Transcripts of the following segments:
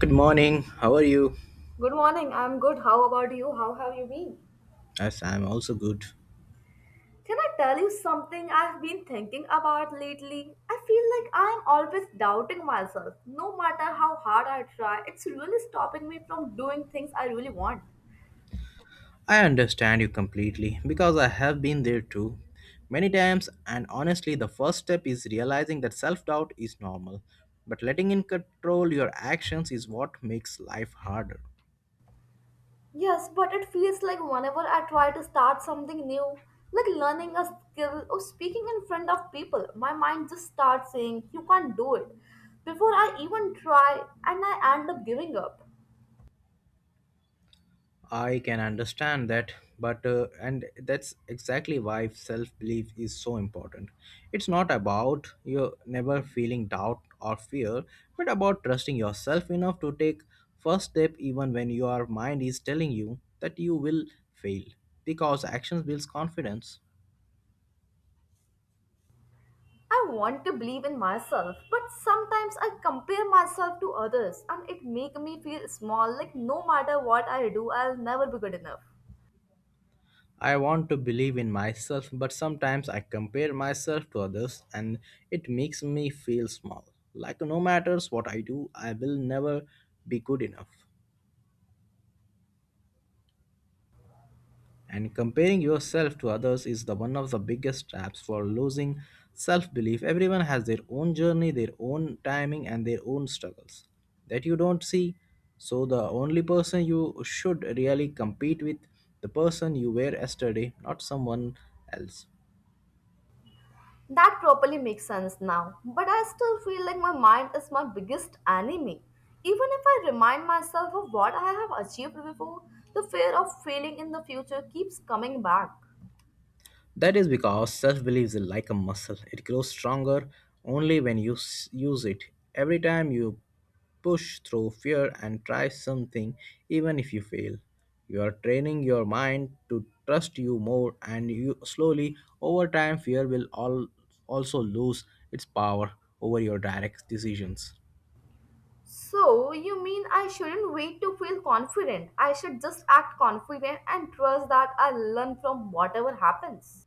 Good morning. How are you? Good morning. I'm good. How about you? How have you been? Yes, I'm also good. Can I tell you something I've been thinking about lately? I feel like I'm always doubting myself. No matter how hard I try, it's really stopping me from doing things I really want. I understand you completely because I have been there too. Many times, and honestly, the first step is realizing that self doubt is normal, but letting it control your actions is what makes life harder. Yes, but it feels like whenever I try to start something new, like learning a skill or speaking in front of people, my mind just starts saying, "You can't do it." Before I even try, and I end up giving up. I can understand that, but and that's exactly why self belief is so important. It's not about you never feeling doubt or fear, but about trusting yourself enough to take first step even when your mind is telling you that you will fail because actions builds confidence. I want to believe in myself, but sometimes I compare myself to others and it make me feel small, like no matter what I do I'll never be good enough. I want to believe in myself, but sometimes I compare myself to others and it makes me feel small. Like no matters what I do, I will never be good enough. And comparing yourself to others is the one of the biggest traps for losing self-belief. Everyone has their own journey, their own timing and their own struggles that you don't see. So the only person you should really compete with the person you were yesterday, not someone else. That properly makes sense now, but I still feel like my mind is my biggest enemy. Even if I remind myself of what I have achieved before, the fear of failing in the future keeps coming back. That is because self belief is like a muscle, it grows stronger only when use it. Every time you push through fear and try something, even if you fail, you are training your mind to trust you more, and you slowly, over time, also lose its power over your direct decisions. So, you mean I shouldn't wait to feel confident? I should just act confident and trust that I'll learn from whatever happens.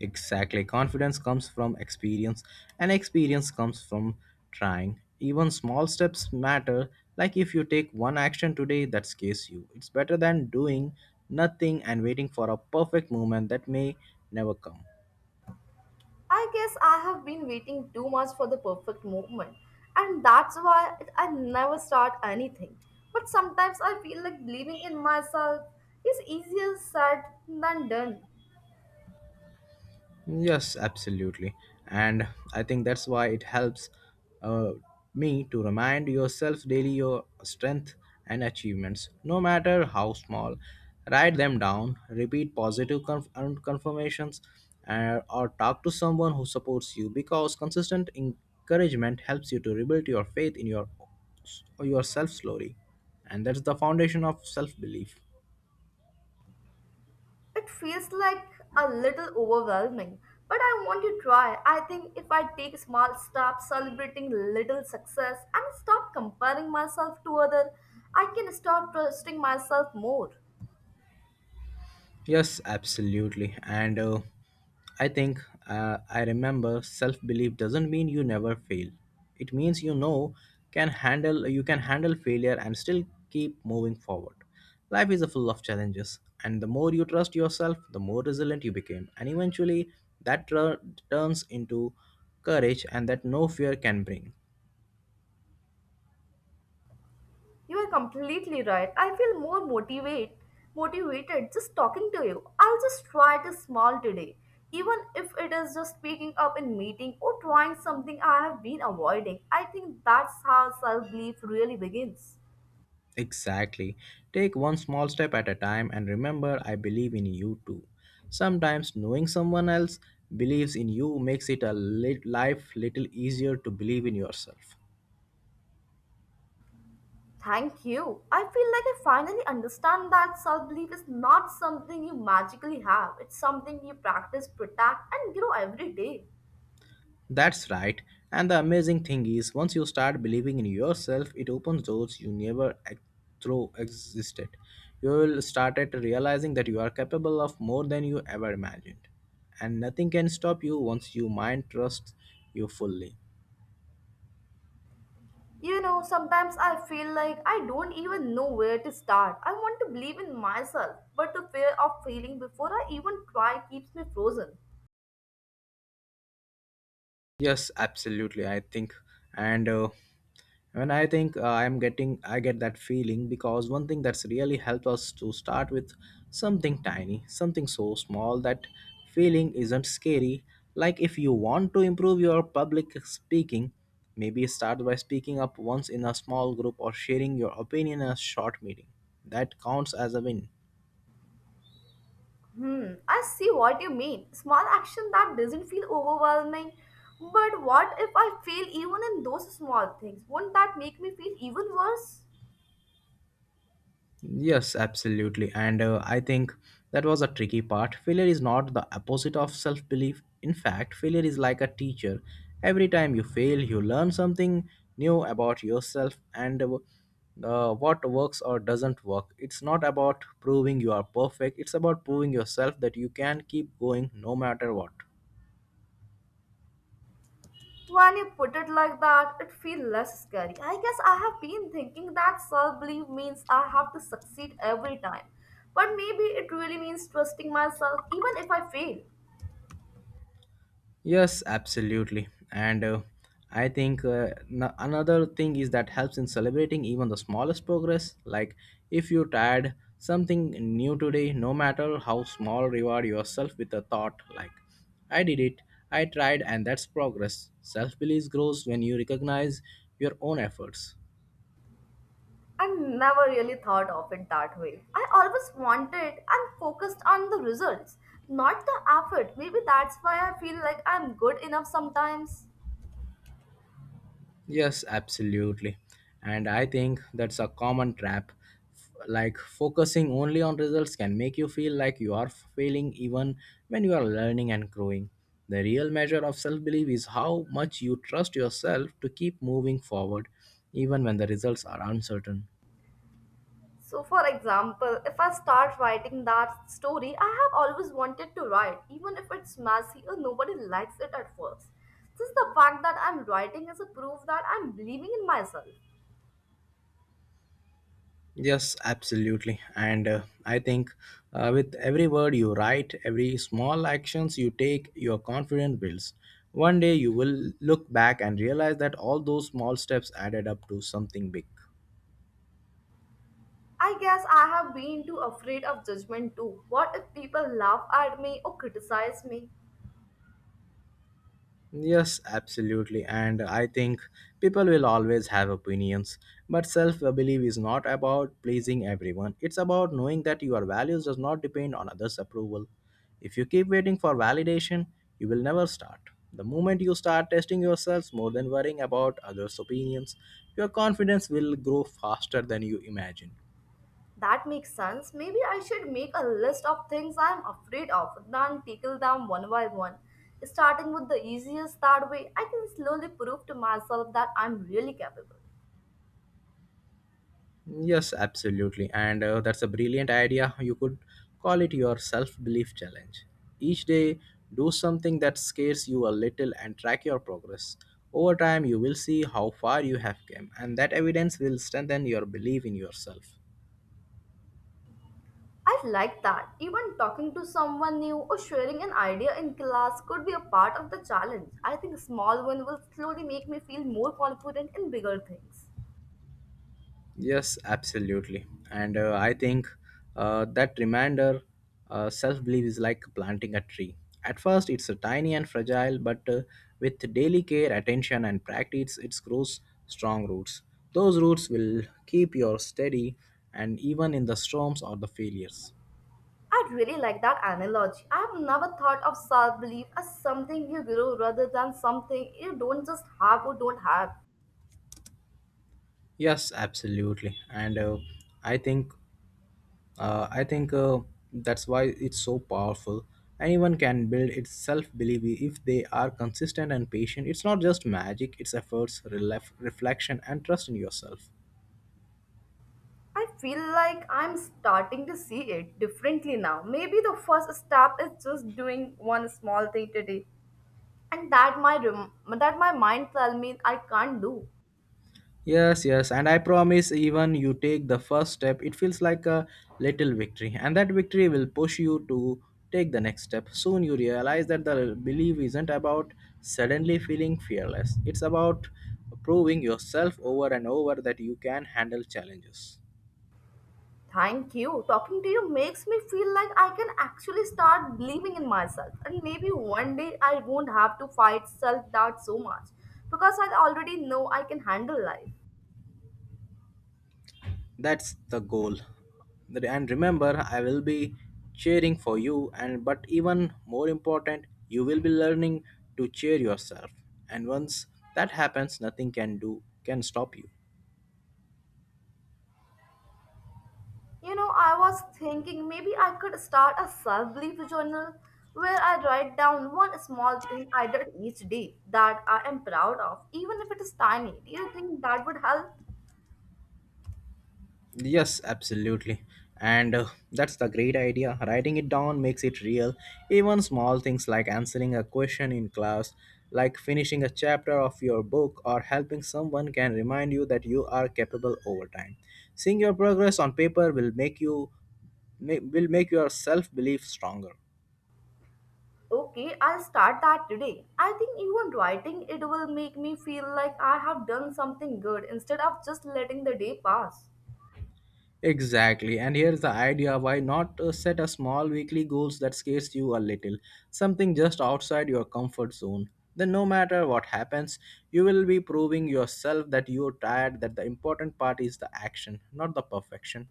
Exactly. Confidence comes from experience, and experience comes from trying. Even small steps matter. Like if you take one action today that scares you, it's better than doing nothing and waiting for a perfect moment that may never come. I guess I have been waiting too much for the perfect moment, and that's why I never start anything. But sometimes I feel like believing in myself is easier said than done. Yes, absolutely. And I think that's why it helps uh, me to remind yourself daily your strength and achievements, no matter how small. Write them down, repeat positive confirmations, or talk to someone who supports you because consistent encouragement helps you to rebuild your faith in yourself slowly. And that's the foundation of self belief. It feels like a little overwhelming, but I want to try. I think if I take small steps, celebrating little success, and stop comparing myself to others, I can start trusting myself more. Yes, absolutely. And uh, I think uh, I remember self belief doesn't mean you never fail. It means you can handle failure and still keep moving forward. Life is full of challenges, and the more you trust yourself, the more resilient you become. And eventually, that tur- turns into courage and that no fear can bring. You are completely right. I feel more motivated just talking to you. I'll just try to smile today, even if it is just speaking up in meeting or trying something I have been avoiding. I think that's how self-belief really begins. Exactly. Take one small step at a time and remember, I believe in you too. Sometimes knowing someone else believes in you makes it a life little easier to believe in yourself. Thank you. I feel like I finally understand that self-belief is not something you magically have. It's something you practice, protect, and grow every day. That's right. And the amazing thing is, once you start believing in yourself, it opens doors you never ex- through existed. You will start at realizing that you are capable of more than you ever imagined, and nothing can stop you once you mind trusts you fully. You know, sometimes I feel like I don't even know where to start. I want to believe in myself, but the fear of failing before I even try keeps me frozen. Yes, absolutely. I think, and when I think I'm getting, I get that feeling because one thing that's really helped us to start with something tiny, something so small that feeling isn't scary. Like if you want to improve your public speaking, maybe start by speaking up once in a small group or sharing your opinion in a short meeting. That counts as a win. Hmm, I see what you mean. Small action that doesn't feel overwhelming. But what if I fail even in those small things? Won't that make me feel even worse? Yes, absolutely. And I think that was a tricky part. Failure is not the opposite of self belief. In fact, failure is like a teacher. Every time you fail, you learn something new about yourself and what works or doesn't work. It's not about proving you are perfect, it's about proving yourself that you can keep going no matter what. When you put it like that, it feels less scary. I guess I have been thinking that self belief means I have to succeed every time. But maybe it really means trusting myself even if I fail. Yes, absolutely. And another thing is that helps in celebrating even the smallest progress. Like if you tried something new today, no matter how small, reward yourself with a thought like, I did it, I tried, and that's progress. Self belief grows when you recognize your own efforts. I never really thought of it that way. I always wanted and focused on the results, not the effort. Maybe that's why I feel like I'm good enough sometimes. Yes, absolutely. And I think that's a common trap. Like focusing only on results can make you feel like you are failing even when you are learning and growing. The real measure of self belief is how much you trust yourself to keep moving forward, even when the results are uncertain. So, for example, if I start writing that story I have always wanted to write, even if it's messy or nobody likes it at first. Just the fact that I'm writing is a proof that I'm believing in myself. Yes, absolutely. And I think with every word you write, every small actions you take, your confidence builds. One day you will look back and realize that all those small steps added up to something big. I guess I have been too afraid of judgment too. What if people laugh at me or criticize me? Yes, absolutely. And I think people will always have opinions. But self belief is not about pleasing everyone, it's about knowing that your values does not depend on others' approval. If you keep waiting for validation, you will never start. The moment you start testing yourselves more than worrying about others' opinions, your confidence will grow faster than you imagine. That makes sense. Maybe I should make a list of things I am afraid of, then tackle them one by one. Starting with the easiest, that way I can slowly prove to myself that I'm really capable. Yes, absolutely. And that's a brilliant idea. You could call it your self belief challenge. Each day, do something that scares you a little and track your progress. Over time, you will see how far you have come, and that evidence will strengthen your belief in yourself. I like that. Even talking to someone new or sharing an idea in class could be a part of the challenge. I think small one will slowly make me feel more confident in bigger things. Yes, absolutely. And I think that reminder, self belief is like planting a tree. At first, it's a tiny and fragile, but with daily care, attention, and practice, it grows strong roots. Those roots will keep you steady and even in the storms or the failures. I really like that analogy. I have never thought of self belief as something you grow rather than something you don't just have or don't have. Yes, absolutely. And I think I think that's why it's so powerful. Anyone can build its self belief if they are consistent and patient. It's not just magic, it's efforts, reflection, and trust in yourself. I feel like I'm starting to see it differently now. Maybe the first step is just doing one small thing today, and that my that my mind tell me I can't do. Yes, yes, and I promise even you take the first step, it feels like a little victory, and that victory will push you to take the next step. Soon you realize that the belief isn't about suddenly feeling fearless, it's about proving yourself over and over that you can handle challenges. Thank you. Talking to you makes me feel like I can actually start believing in myself. And maybe one day I won't have to fight self doubt so much because I already know I can handle life. That's the goal. And remember, I will be cheering for you and but even more important, you will be learning to cheer yourself. And once that happens, nothing can do can stop you. You know, I was thinking maybe I could start a self belief journal where I write down one small thing I did each day that I am proud of, even if it is tiny. Do you think that would help? Yes, absolutely. And that's the great idea. Writing it down makes it real. Even small things like answering a question in class, like finishing a chapter of your book, or helping someone can remind you that you are capable over time. Seeing your progress on paper will make your self-belief stronger. Okay, I'll start that today. I think even writing it will make me feel like I have done something good instead of just letting the day pass. Exactly. And here's the idea why not set a small weekly goals that scares you a little, something just outside your comfort zone. Then no matter what happens, you will be proving yourself that you're tired that the important part is the action, not the perfection.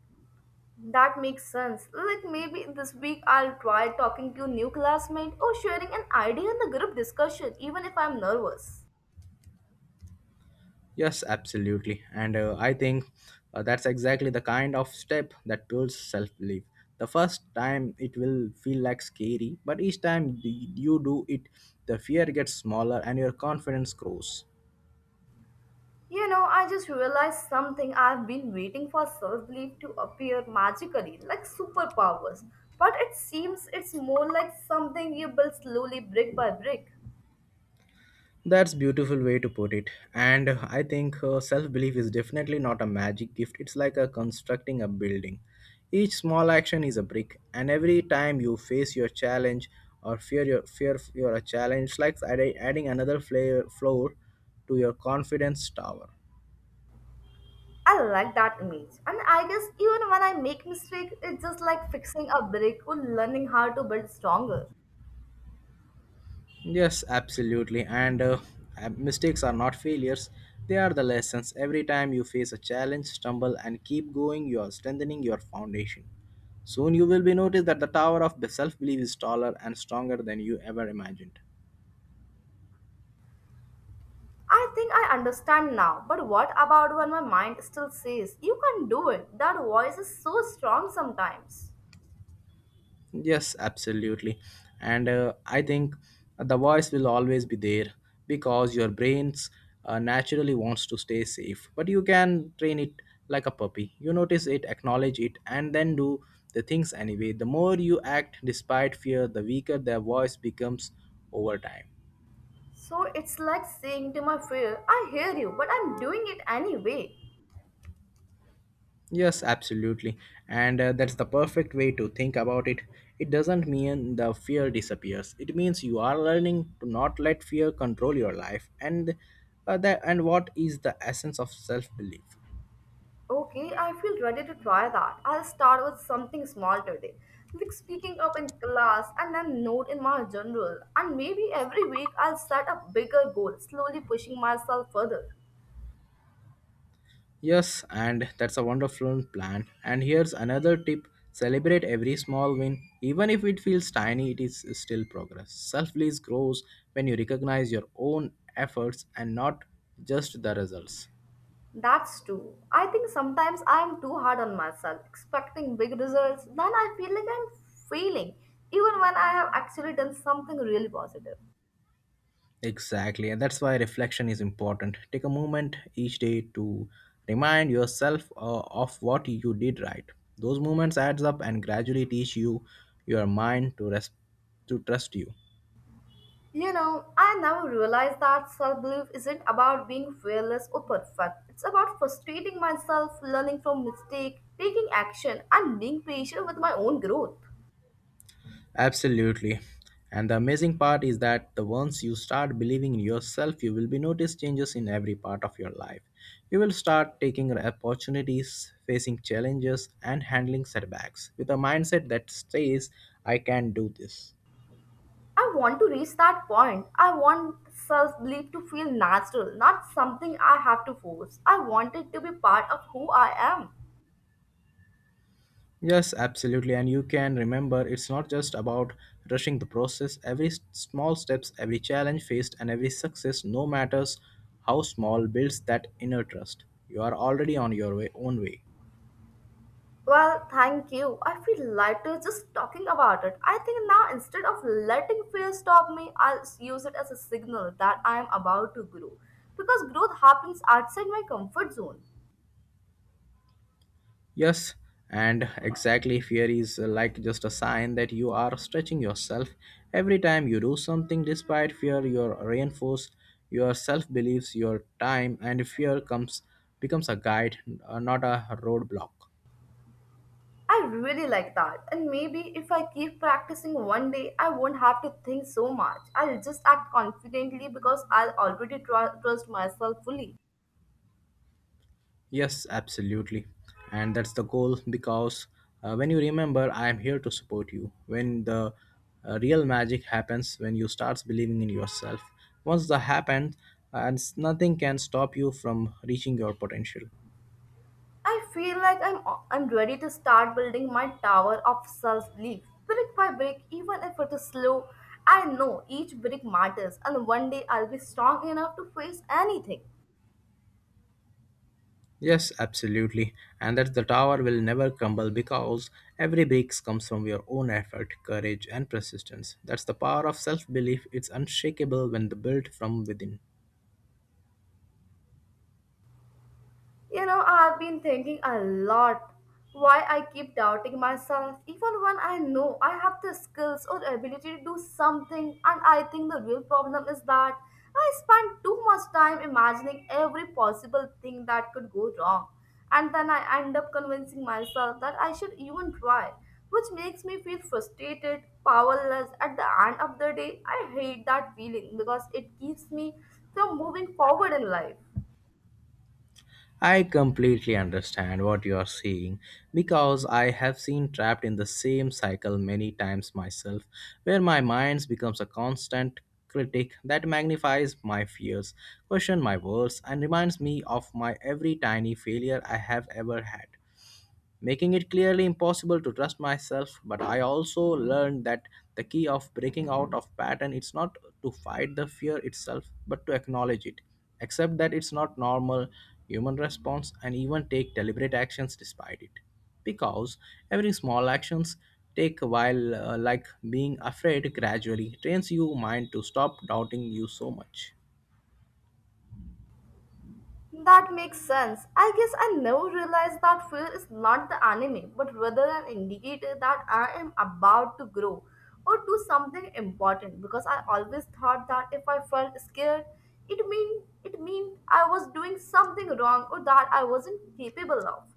That makes sense. Like maybe this week I'll try talking to new classmate or sharing an idea in the group discussion even if I'm nervous. Yes, absolutely. And I think that's exactly the kind of step that builds self-belief. The first time it will feel like scary, but each time you do it, the fear gets smaller and your confidence grows. You know, I just realized something. I've been waiting for self-belief to appear magically, like superpowers. But it seems it's more like something you build slowly, brick by brick. That's beautiful way to put it. And I think self-belief is definitely not a magic gift. It's like a constructing a building. Each small action is a brick, and every time you face your challenge or fear your fear you're a challenge, it's like adding another floor to your confidence tower. I like that image. And I guess even when I make mistake, it's just like fixing a break or learning how to build stronger. Yes, absolutely. And mistakes are not failures, they are the lessons. Every time you face a challenge, stumble, and keep going, you are strengthening your foundation. Soon you will be noticed that the tower of self belief is taller and stronger than you ever imagined. I think I understand now, but what about when my mind still says, you can do it? That voice is so strong sometimes. Yes, absolutely. And I think the voice will always be there because your brains naturally wants to stay safe. But you can train it like a puppy. You notice it, acknowledge it, and then do the things anyway. The more you act despite fear, the weaker their voice becomes over time. So it's like saying to my fear, I hear you, but I'm doing it anyway. Yes, absolutely. And that's the perfect way to think about it. It doesn't mean the fear disappears. It means you are learning to not let fear control your life and that and what is the essence of self-belief. Okay, I feel ready to try that. I'll start with something small today, like speaking up in class and then note in my journal. And maybe every week I'll set a bigger goal, slowly pushing myself further. Yes, and that's a wonderful plan. And here's another tip. Celebrate every small win. Even if it feels tiny, it is still progress. Self-belief grows when you recognize your own efforts and not just the results. That's true. I think sometimes I'm too hard on myself, expecting big results. Then I feel like I'm failing, even when I have actually done something really positive. Exactly, and that's why reflection is important. Take a moment each day to remind yourself of what you did right. Those moments adds up and gradually teach your mind to rest to trust you. You know, I never realized that self belief isn't about being fearless or perfect. It's about frustrating myself, learning from mistake, taking action, and being patient with my own growth. Absolutely. And the amazing part is that the once you start believing in yourself, you will be notice changes in every part of your life. You will start taking opportunities, facing challenges, and handling setbacks with a mindset that says, I can do this. I want to reach that point. I want self belief to feel natural, not something I have to force. I want it to be part of who I am. Yes, absolutely. And you can remember it's not just about rushing the process. Every small steps, every challenge faced, and every success, no matters how small, builds that inner trust. You are already on your way, own way. Well, thank you. I feel lighter just talking about it. I think now, instead of letting fear stop me, I'll use it as a signal that I am about to grow. Because growth happens outside my comfort zone. Yes, and exactly fear is like just a sign that you are stretching yourself. Every time you do something despite fear, you are reinforced your self beliefs, your time, and fear comes becomes a guide, not a roadblock. I really like that. And maybe if I keep practicing one day, I won't have to think so much. I'll just act confidently because I'll already trust myself fully. Yes, absolutely. And that's the goal because when you remember, I am here to support you, when the real magic happens, when you start believing in yourself, once that happens, nothing can stop you from reaching your potential. I feel like I'm ready to start building my tower of self-belief, brick by brick, even if it is slow. I know each brick matters, and one day I'll be strong enough to face anything. Yes, absolutely. And that the tower will never crumble because every brick comes from your own effort, courage, and persistence. That's the power of self belief. It's unshakable when the built from within. You know, I've been thinking a lot why I keep doubting myself, even when I know I have the skills or ability to do something. And I think the real problem is that I spend too much time imagining every possible thing that could go wrong. And then I end up convincing myself that I should even try, which makes me feel frustrated, powerless. At the end of the day, I hate that feeling because it keeps me from moving forward in life. I completely understand what you are saying because I have seen trapped in the same cycle many times myself, where my mind becomes a constant critic that magnifies my fears, questions my words, and reminds me of my every tiny failure I have ever had, making it clearly impossible to trust myself. But I also learned that the key of breaking out of pattern is not to fight the fear itself but to acknowledge it, accept that it's not normal human response, and even take deliberate actions despite it, because every small actions take a while, like being afraid, gradually trains your mind to stop doubting you so much. That makes sense. I guess I never realized that fear is not the enemy, but rather an indicator that I am about to grow or do something important, because I always thought that if I felt scared, it meant I was doing something wrong or that I wasn't capable of.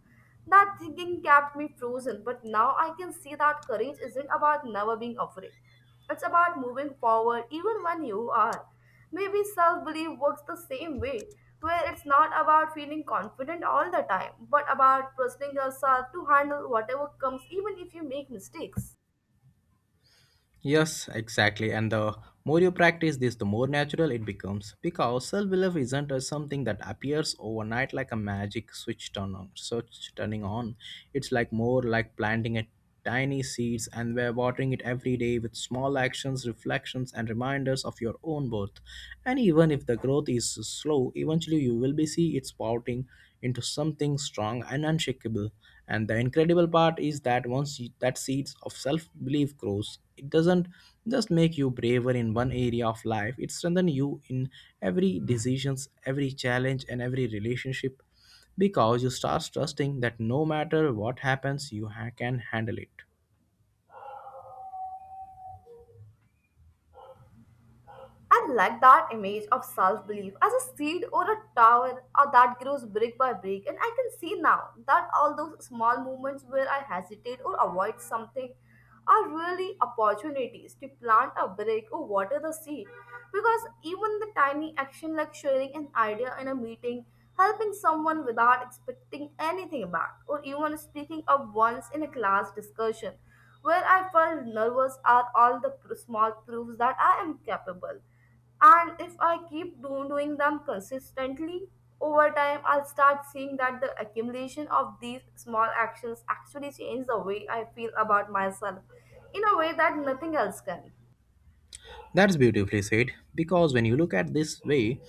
That thinking kept me frozen, but now I can see that courage isn't about never being afraid. It's about moving forward even when you are. Maybe self belief works the same way, where it's not about feeling confident all the time, but about trusting yourself to handle whatever comes, even if you make mistakes. Yes, exactly. And the more you practice this, the more natural it becomes. Because self belief isn't something that appears overnight like a magic switch turn on, switch turning on. It's like more like planting a tiny seeds and we're watering it every day with small actions, reflections, and reminders of your own worth. And even if the growth is slow, eventually you will be see it sprouting into something strong and unshakable. And the incredible part is that that seeds of self belief grows, it doesn't just make you braver in one area of life, it strengthens you in every decisions, every challenge, and every relationship because you start trusting that no matter what happens, can handle it. I like that image of self belief as a seed or a tower that grows brick by brick. And I can see now that all those small moments where I hesitate or avoid something are really opportunities to plant a brick or water the seed. Because even the tiny action like sharing an idea in a meeting, helping someone without expecting anything back, or even speaking up once in a class discussion where I felt nervous are all the small proofs that I am capable. And if I keep doing them consistently, over time I'll start seeing that the accumulation of these small actions actually change the way I feel about myself in a way that nothing else can. That's beautifully said, because when you look at this way,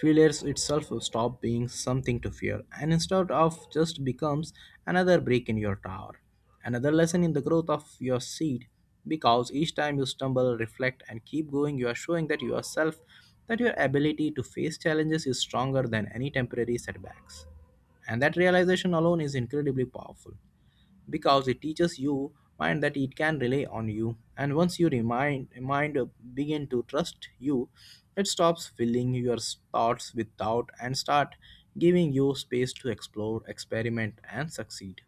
failures itself will stop being something to fear and instead of just becomes another break in your tower, another lesson in the growth of your seed, because each time you stumble, reflect and keep going, you are showing that yourself that your ability to face challenges is stronger than any temporary setbacks. And that realization alone is incredibly powerful because it teaches you mind that it can rely on you. And once your mind begin to trust you, it stops filling your thoughts with doubt and start giving you space to explore, experiment, and succeed.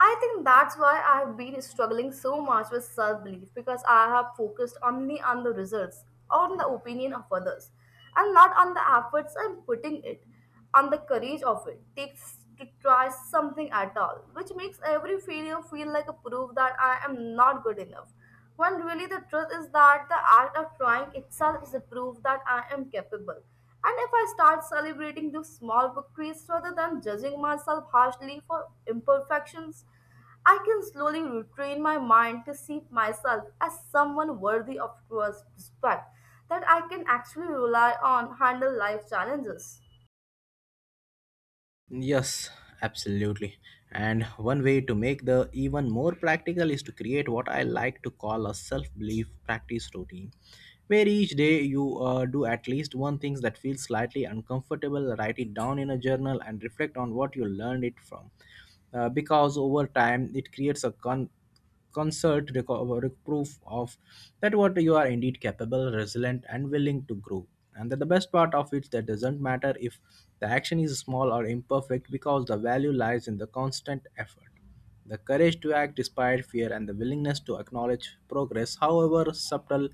I think that's why I have been struggling so much with self belief, because I have focused only on the results, on the opinion of others, and not on the efforts I'm putting it, on the courage of it takes to try something at all, which makes every failure feel like a proof that I am not good enough. When really the truth is that the act of trying itself is a proof that I am capable. And if I start celebrating those small victories rather than judging myself harshly for imperfections, I can slowly retrain my mind to see myself as someone worthy of trust, respect, that I can actually rely on, handle life challenges. Yes, absolutely. And one way to make the even more practical is to create what I like to call a self-belief practice routine, where each day you do at least one thing that feels slightly uncomfortable, write it down in a journal, and reflect on what you learned it from. Because over time, it creates a concert proof of that what you are indeed capable, resilient, and willing to grow. And that the best part of it that doesn't matter if the action is small or imperfect, because the value lies in the constant effort, the courage to act despite fear, and the willingness to acknowledge progress however subtle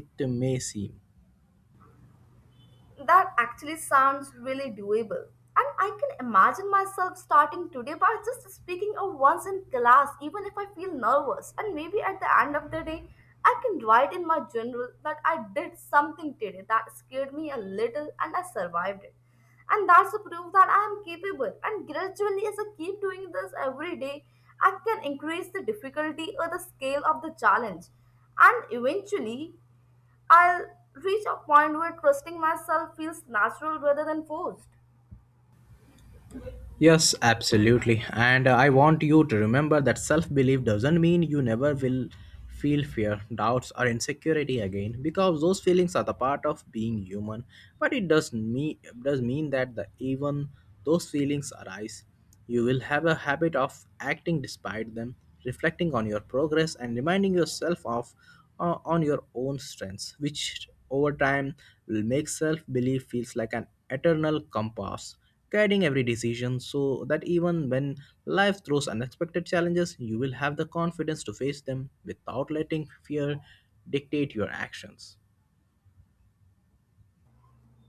it may seem. That actually sounds really doable. And I can imagine myself starting today by just speaking of once in class, even if I feel nervous. And maybe at the end of the day, I can write in my journal that I did something today that scared me a little and I survived it. And that's a proof that I am capable. And gradually, as I keep doing this every day, I can increase the difficulty or the scale of the challenge. And eventually, I'll reach a point where trusting myself feels natural rather than forced. Yes, absolutely. And I want you to remember that self belief doesn't mean you never will feel fear, doubts, or insecurity again, because those feelings are the part of being human. But it does mean that the, even those feelings arise, you will have a habit of acting despite them, reflecting on your progress, and reminding yourself of, on your own strengths, which over time will make self belief feels like an eternal compass guiding every decision, so that even when life throws unexpected challenges, you will have the confidence to face them without letting fear dictate your actions.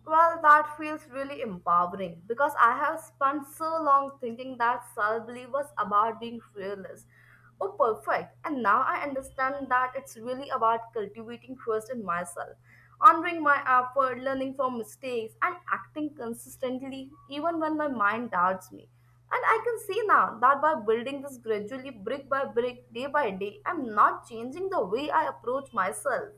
Well, that feels really empowering because I have spent so long thinking that self belief was about being fearless or perfect, and now I understand that it's really about cultivating trust in myself, honoring my effort, learning from mistakes, and acting consistently even when my mind doubts me. And I can see now that by building this gradually, brick by brick, day by day, I'm not changing the way I approach myself.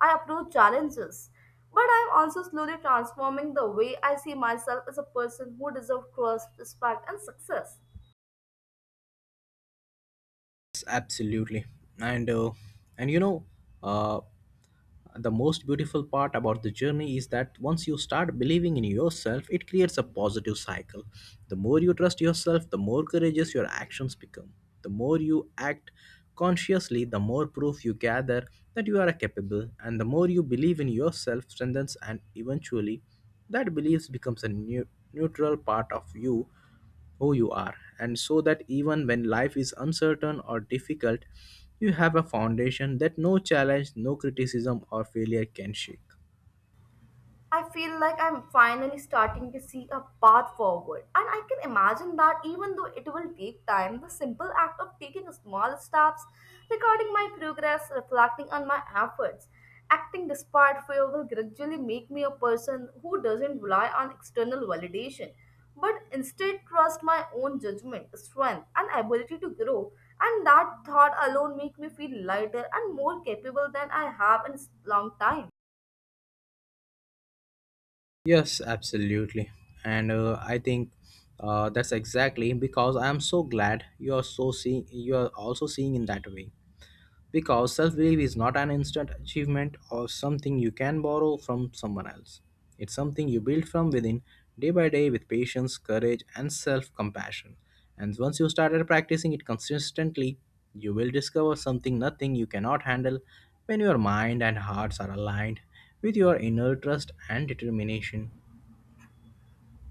I approach challenges. But I'm also slowly transforming the way I see myself as a person who deserves trust, respect, and success. Yes, absolutely. And uh, and you know, uh, the most beautiful part about the journey is that once you start believing in yourself, it creates a positive cycle. The more you trust yourself, the more courageous your actions become. The more you act consciously, the more proof you gather that you are capable, and the more you believe in yourself strengthens. And eventually that belief becomes a new, neutral part of you, who you are, and so that even when life is uncertain or difficult, you have a foundation that no challenge, no criticism, or failure can shake. I feel like I'm finally starting to see a path forward, and I can imagine that even though it will take time, the simple act of taking small steps, recording my progress, reflecting on my efforts, acting despite fear will gradually make me a person who doesn't rely on external validation, but instead trust my own judgment, strength, and ability to grow. And that thought alone make me feel lighter and more capable than I have in a long time. Yes, absolutely. And I think That's exactly because I am so glad you are also seeing in that way. Because self belief is not an instant achievement or something you can borrow from someone else. It's something you build from within day by day with patience, courage, and self compassion. And once you started practicing it consistently, you will discover something nothing you cannot handle when your mind and hearts are aligned with your inner trust and determination.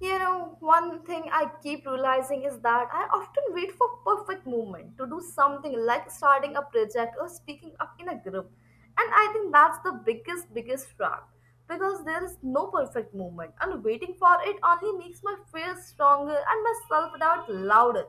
You know, one thing I keep realizing is that I often wait for perfect moment to do something like starting a project or speaking up in a group. And I think that's the biggest, biggest trap because there is no perfect moment and waiting for it only makes my fear stronger and my self doubt louder.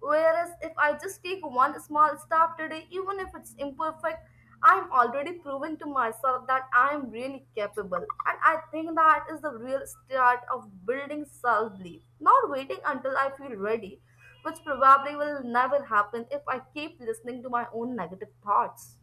Whereas if I just take one small step today, even if it's imperfect, I'm already proving to myself that I'm really capable. And I think that is the real start of building self belief, not waiting until I feel ready, which probably will never happen if I keep listening to my own negative thoughts.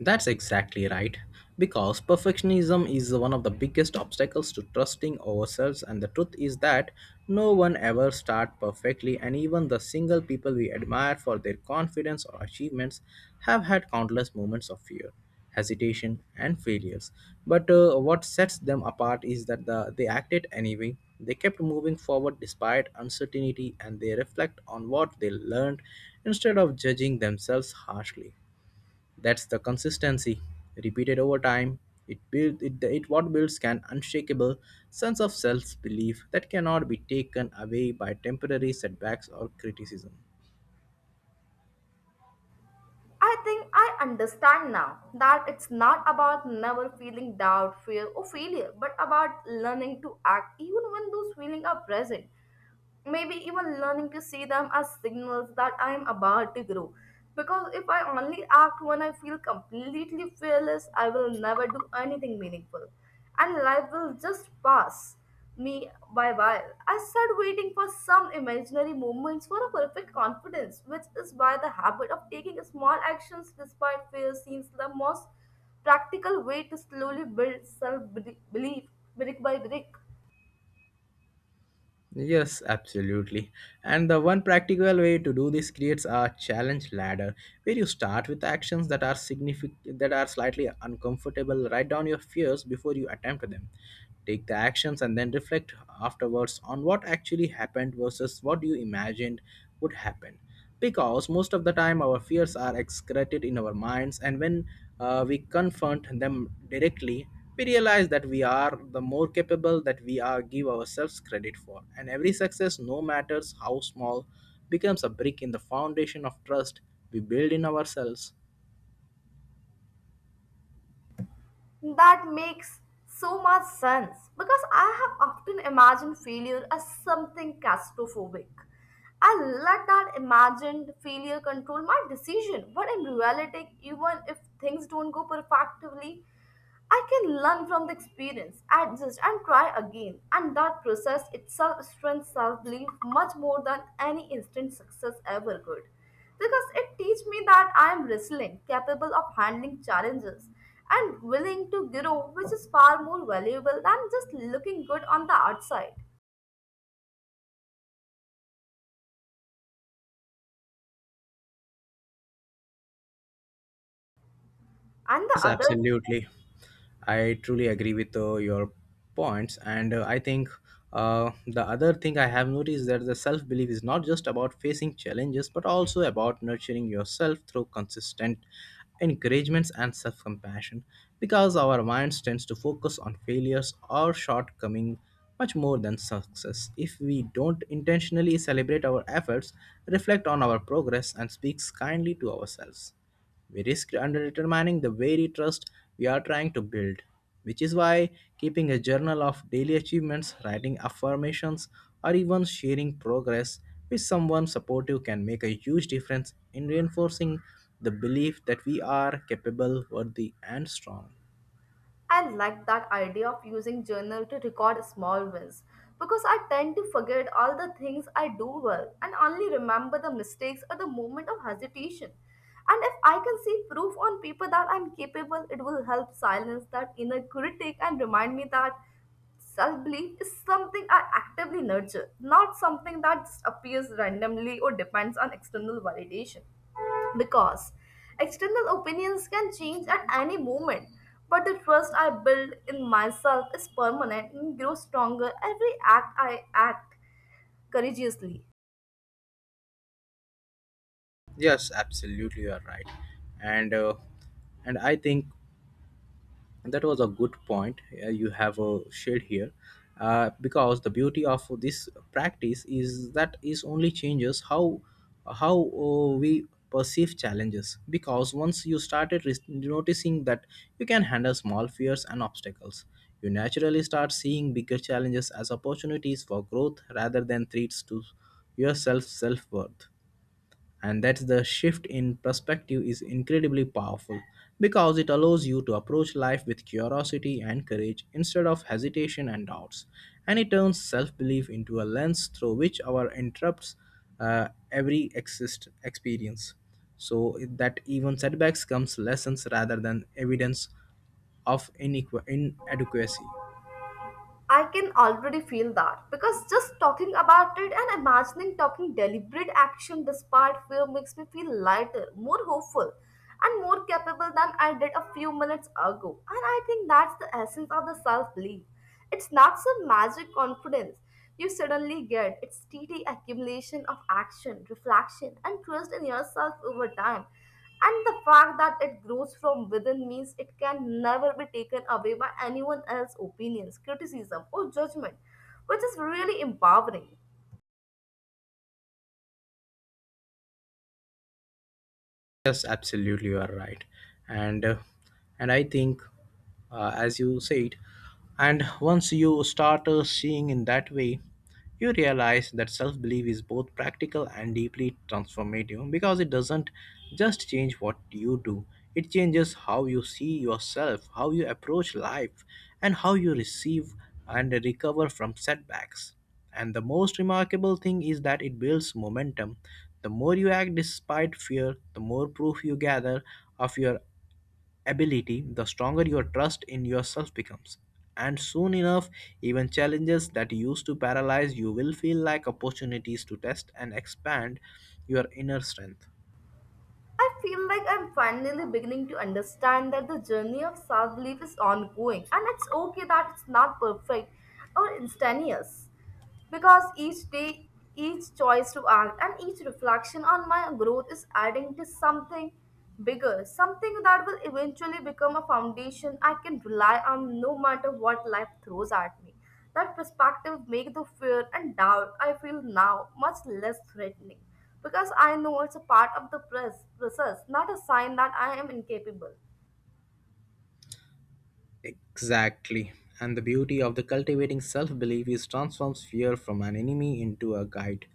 That's exactly right. Because perfectionism is one of the biggest obstacles to trusting ourselves, and the truth is that no one ever starts perfectly, and even the single people we admire for their confidence or achievements have had countless moments of fear, hesitation, and failures. But what sets them apart is that the, they acted anyway. They kept moving forward despite uncertainty, and they reflect on what they learned instead of judging themselves harshly. That's the consistency. Repeated over time, it what builds an unshakable sense of self-belief that cannot be taken away by temporary setbacks or criticism. I think I understand now that it's not about never feeling doubt, fear, or failure, but about learning to act even when those feelings are present. Maybe even learning to see them as signals that I am about to grow. Because if I only act when I feel completely fearless, I will never do anything meaningful. And life will just pass me by while. I start waiting for some imaginary moments for a perfect confidence, which is why the habit of taking small actions despite fear seems the most practical way to slowly build self belief brick by brick. Yes, absolutely. And the one practical way to do this creates a challenge ladder where you start with actions that are slightly uncomfortable. Write down your fears before you attempt them. Take the actions and then reflect afterwards on what actually happened versus what you imagined would happen. Because most of the time our fears are excreted in our minds, and when we confront them directly, we realize that we are the more capable that we are give ourselves credit for, and every success no matters how small becomes a brick in the foundation of trust we build in ourselves. That makes so much sense because I have often imagined failure as something catastrophic. I let that imagined failure control my decision, but in reality, even if things don't go perfectly, I can learn from the experience, adjust, and try again. And that process itself strengthens self belief much more than any instant success ever could because it teaches me that I am resilient, capable of handling challenges, and willing to grow, which is far more valuable than just looking good on the outside. And the Yes, other, absolutely. I truly agree with your points, and I think the other thing I have noticed that the self belief is not just about facing challenges, but also about nurturing yourself through consistent encouragements and self compassion. Because our minds tends to focus on failures or shortcoming much more than success. If we don't intentionally celebrate our efforts, reflect on our progress, and speaks kindly to ourselves, we risk undermining the very trust we are trying to build, which is why keeping a journal of daily achievements, writing affirmations, or even sharing progress with someone supportive can make a huge difference in reinforcing the belief that we are capable, worthy, and strong. I like that idea of using journal to record small wins because I tend to forget all the things I do well and only remember the mistakes or the moment of hesitation. And if I can see proof on paper that I'm capable, it will help silence that inner critic and remind me that self belief is something I actively nurture, not something that just appears randomly or depends on external validation. Because external opinions can change at any moment, but the trust I build in myself is permanent and grows stronger every act I act courageously. Yes, absolutely, you are right. And uh, and I think, and that was a good point you have shared here, because the beauty of this practice is that is only changes how we perceive challenges, because once you started noticing that you can handle small fears and obstacles, you naturally start seeing bigger challenges as opportunities for growth rather than threats to your self worth. And that's the shift in perspective is incredibly powerful because it allows you to approach life with curiosity and courage instead of hesitation and doubts. And it turns self-belief into a lens through which our interrupts every exist experience, so that even setbacks comes lessons rather than evidence of inadequacy. I can already feel that because just talking about it and imagining talking deliberate action despite fear makes me feel lighter, more hopeful, and more capable than I did a few minutes ago. And I think that's the essence of the self belief. It's not some magic confidence, you suddenly get. It's steady accumulation of action, reflection, and trust in yourself over time. And the fact that it grows from within means it can never be taken away by anyone else's opinions, criticism, or judgment, which is really empowering. Yes, absolutely, you are right, and uh, and I think, as you said, and once you start seeing in that way, you realize that self belief is both practical and deeply transformative because it doesn't just change what you do; it changes how you see yourself, how you approach life, and how you receive and recover from setbacks. And the most remarkable thing is that it builds momentum. The more you act despite fear, the more proof you gather of your ability, the stronger your trust in yourself becomes. And soon enough, even challenges that used to paralyze you will feel like opportunities to test and expand your inner strength. I feel like I'm finally beginning to understand that the journey of self belief is ongoing and it's okay that it's not perfect or instantaneous because each day, each choice to act, and each reflection on my growth is adding to something bigger, something that will eventually become a foundation I can rely on no matter what life throws at me. That perspective makes the fear and doubt I feel now much less threatening because I know it's a part of the press process, not a sign that I am incapable. Exactly. And the beauty of the cultivating self belief is transforms fear from an enemy into a guide,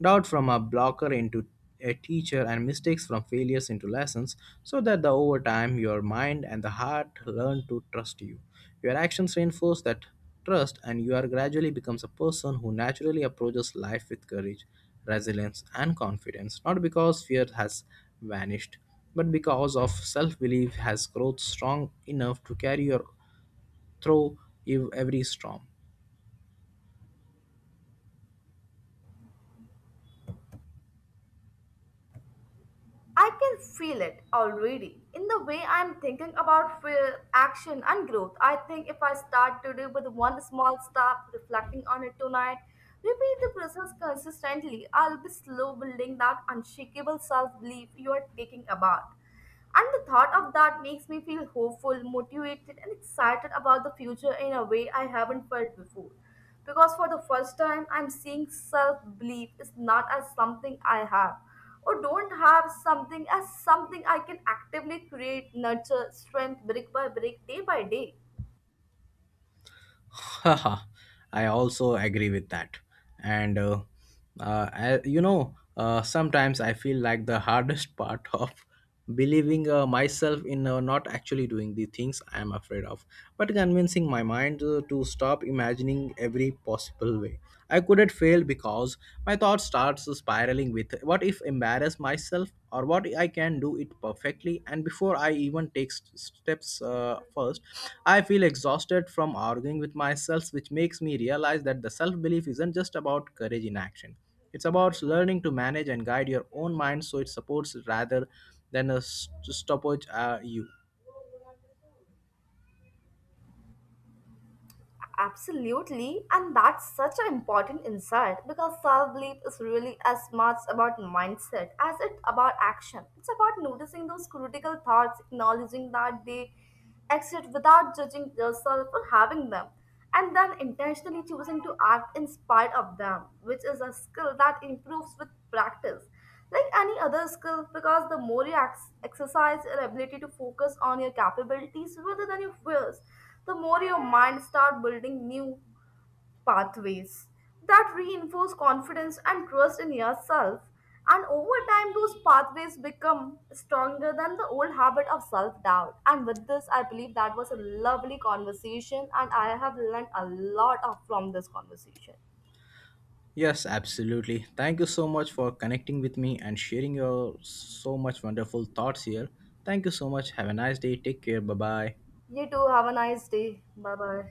doubt from a blocker into a teacher, and mistakes from failures into lessons, so that the over time your mind and the heart learn to trust you. Your actions reinforce that trust, and you are gradually becomes a person who naturally approaches life with courage, resilience, and confidence, not because fear has vanished, but because of self belief has growth strong enough to carry your through every storm. I can feel it already. In the way I am thinking about fear, action, and growth, I think if I start today with one small step, reflecting on it tonight, repeat the process consistently, I'll be slow building that unshakable self belief you are taking about. And the thought of that makes me feel hopeful, motivated, and excited about the future in a way I haven't felt before. Because for the first time, I'm seeing self belief is not as something I have or don't have something as something I can actively create, nurture, strength brick by brick, day by day. Haha, I also agree with that. And I, you know, Sometimes I feel like the hardest part of believing myself in not actually doing the things I am afraid of, but convincing my mind to stop imagining every possible way I couldn't fail, because my thoughts starts spiraling, struggling with what if embarrass myself or what I can do it perfectly, and before I even take steps, first I feel exhausted from arguing with myself, which makes me realize that the self belief isn't just about courage in action, it's about learning to manage and guide your own mind so it supports rather than a stoppage, you. Absolutely, and that's such an important insight because self belief is really as much about mindset as it about action. It's about noticing those critical thoughts, acknowledging that they exist without judging yourself for having them, and then intentionally choosing to act in spite of them, which is a skill that improves with practice like any other skill because the more you exercise your ability to focus on your capabilities rather than your fears, the more your mind start building new pathways that reinforce confidence and trust in yourself, and over time those pathways become stronger than the old habit of self-doubt. And with this, I believe that was a lovely conversation and I have learned a lot from this conversation. Yes, absolutely. Thank you so much for connecting with me and sharing your so much wonderful thoughts here. Thank you so much. Have a nice day. Take care. Bye bye. You too, have a nice day. Bye bye.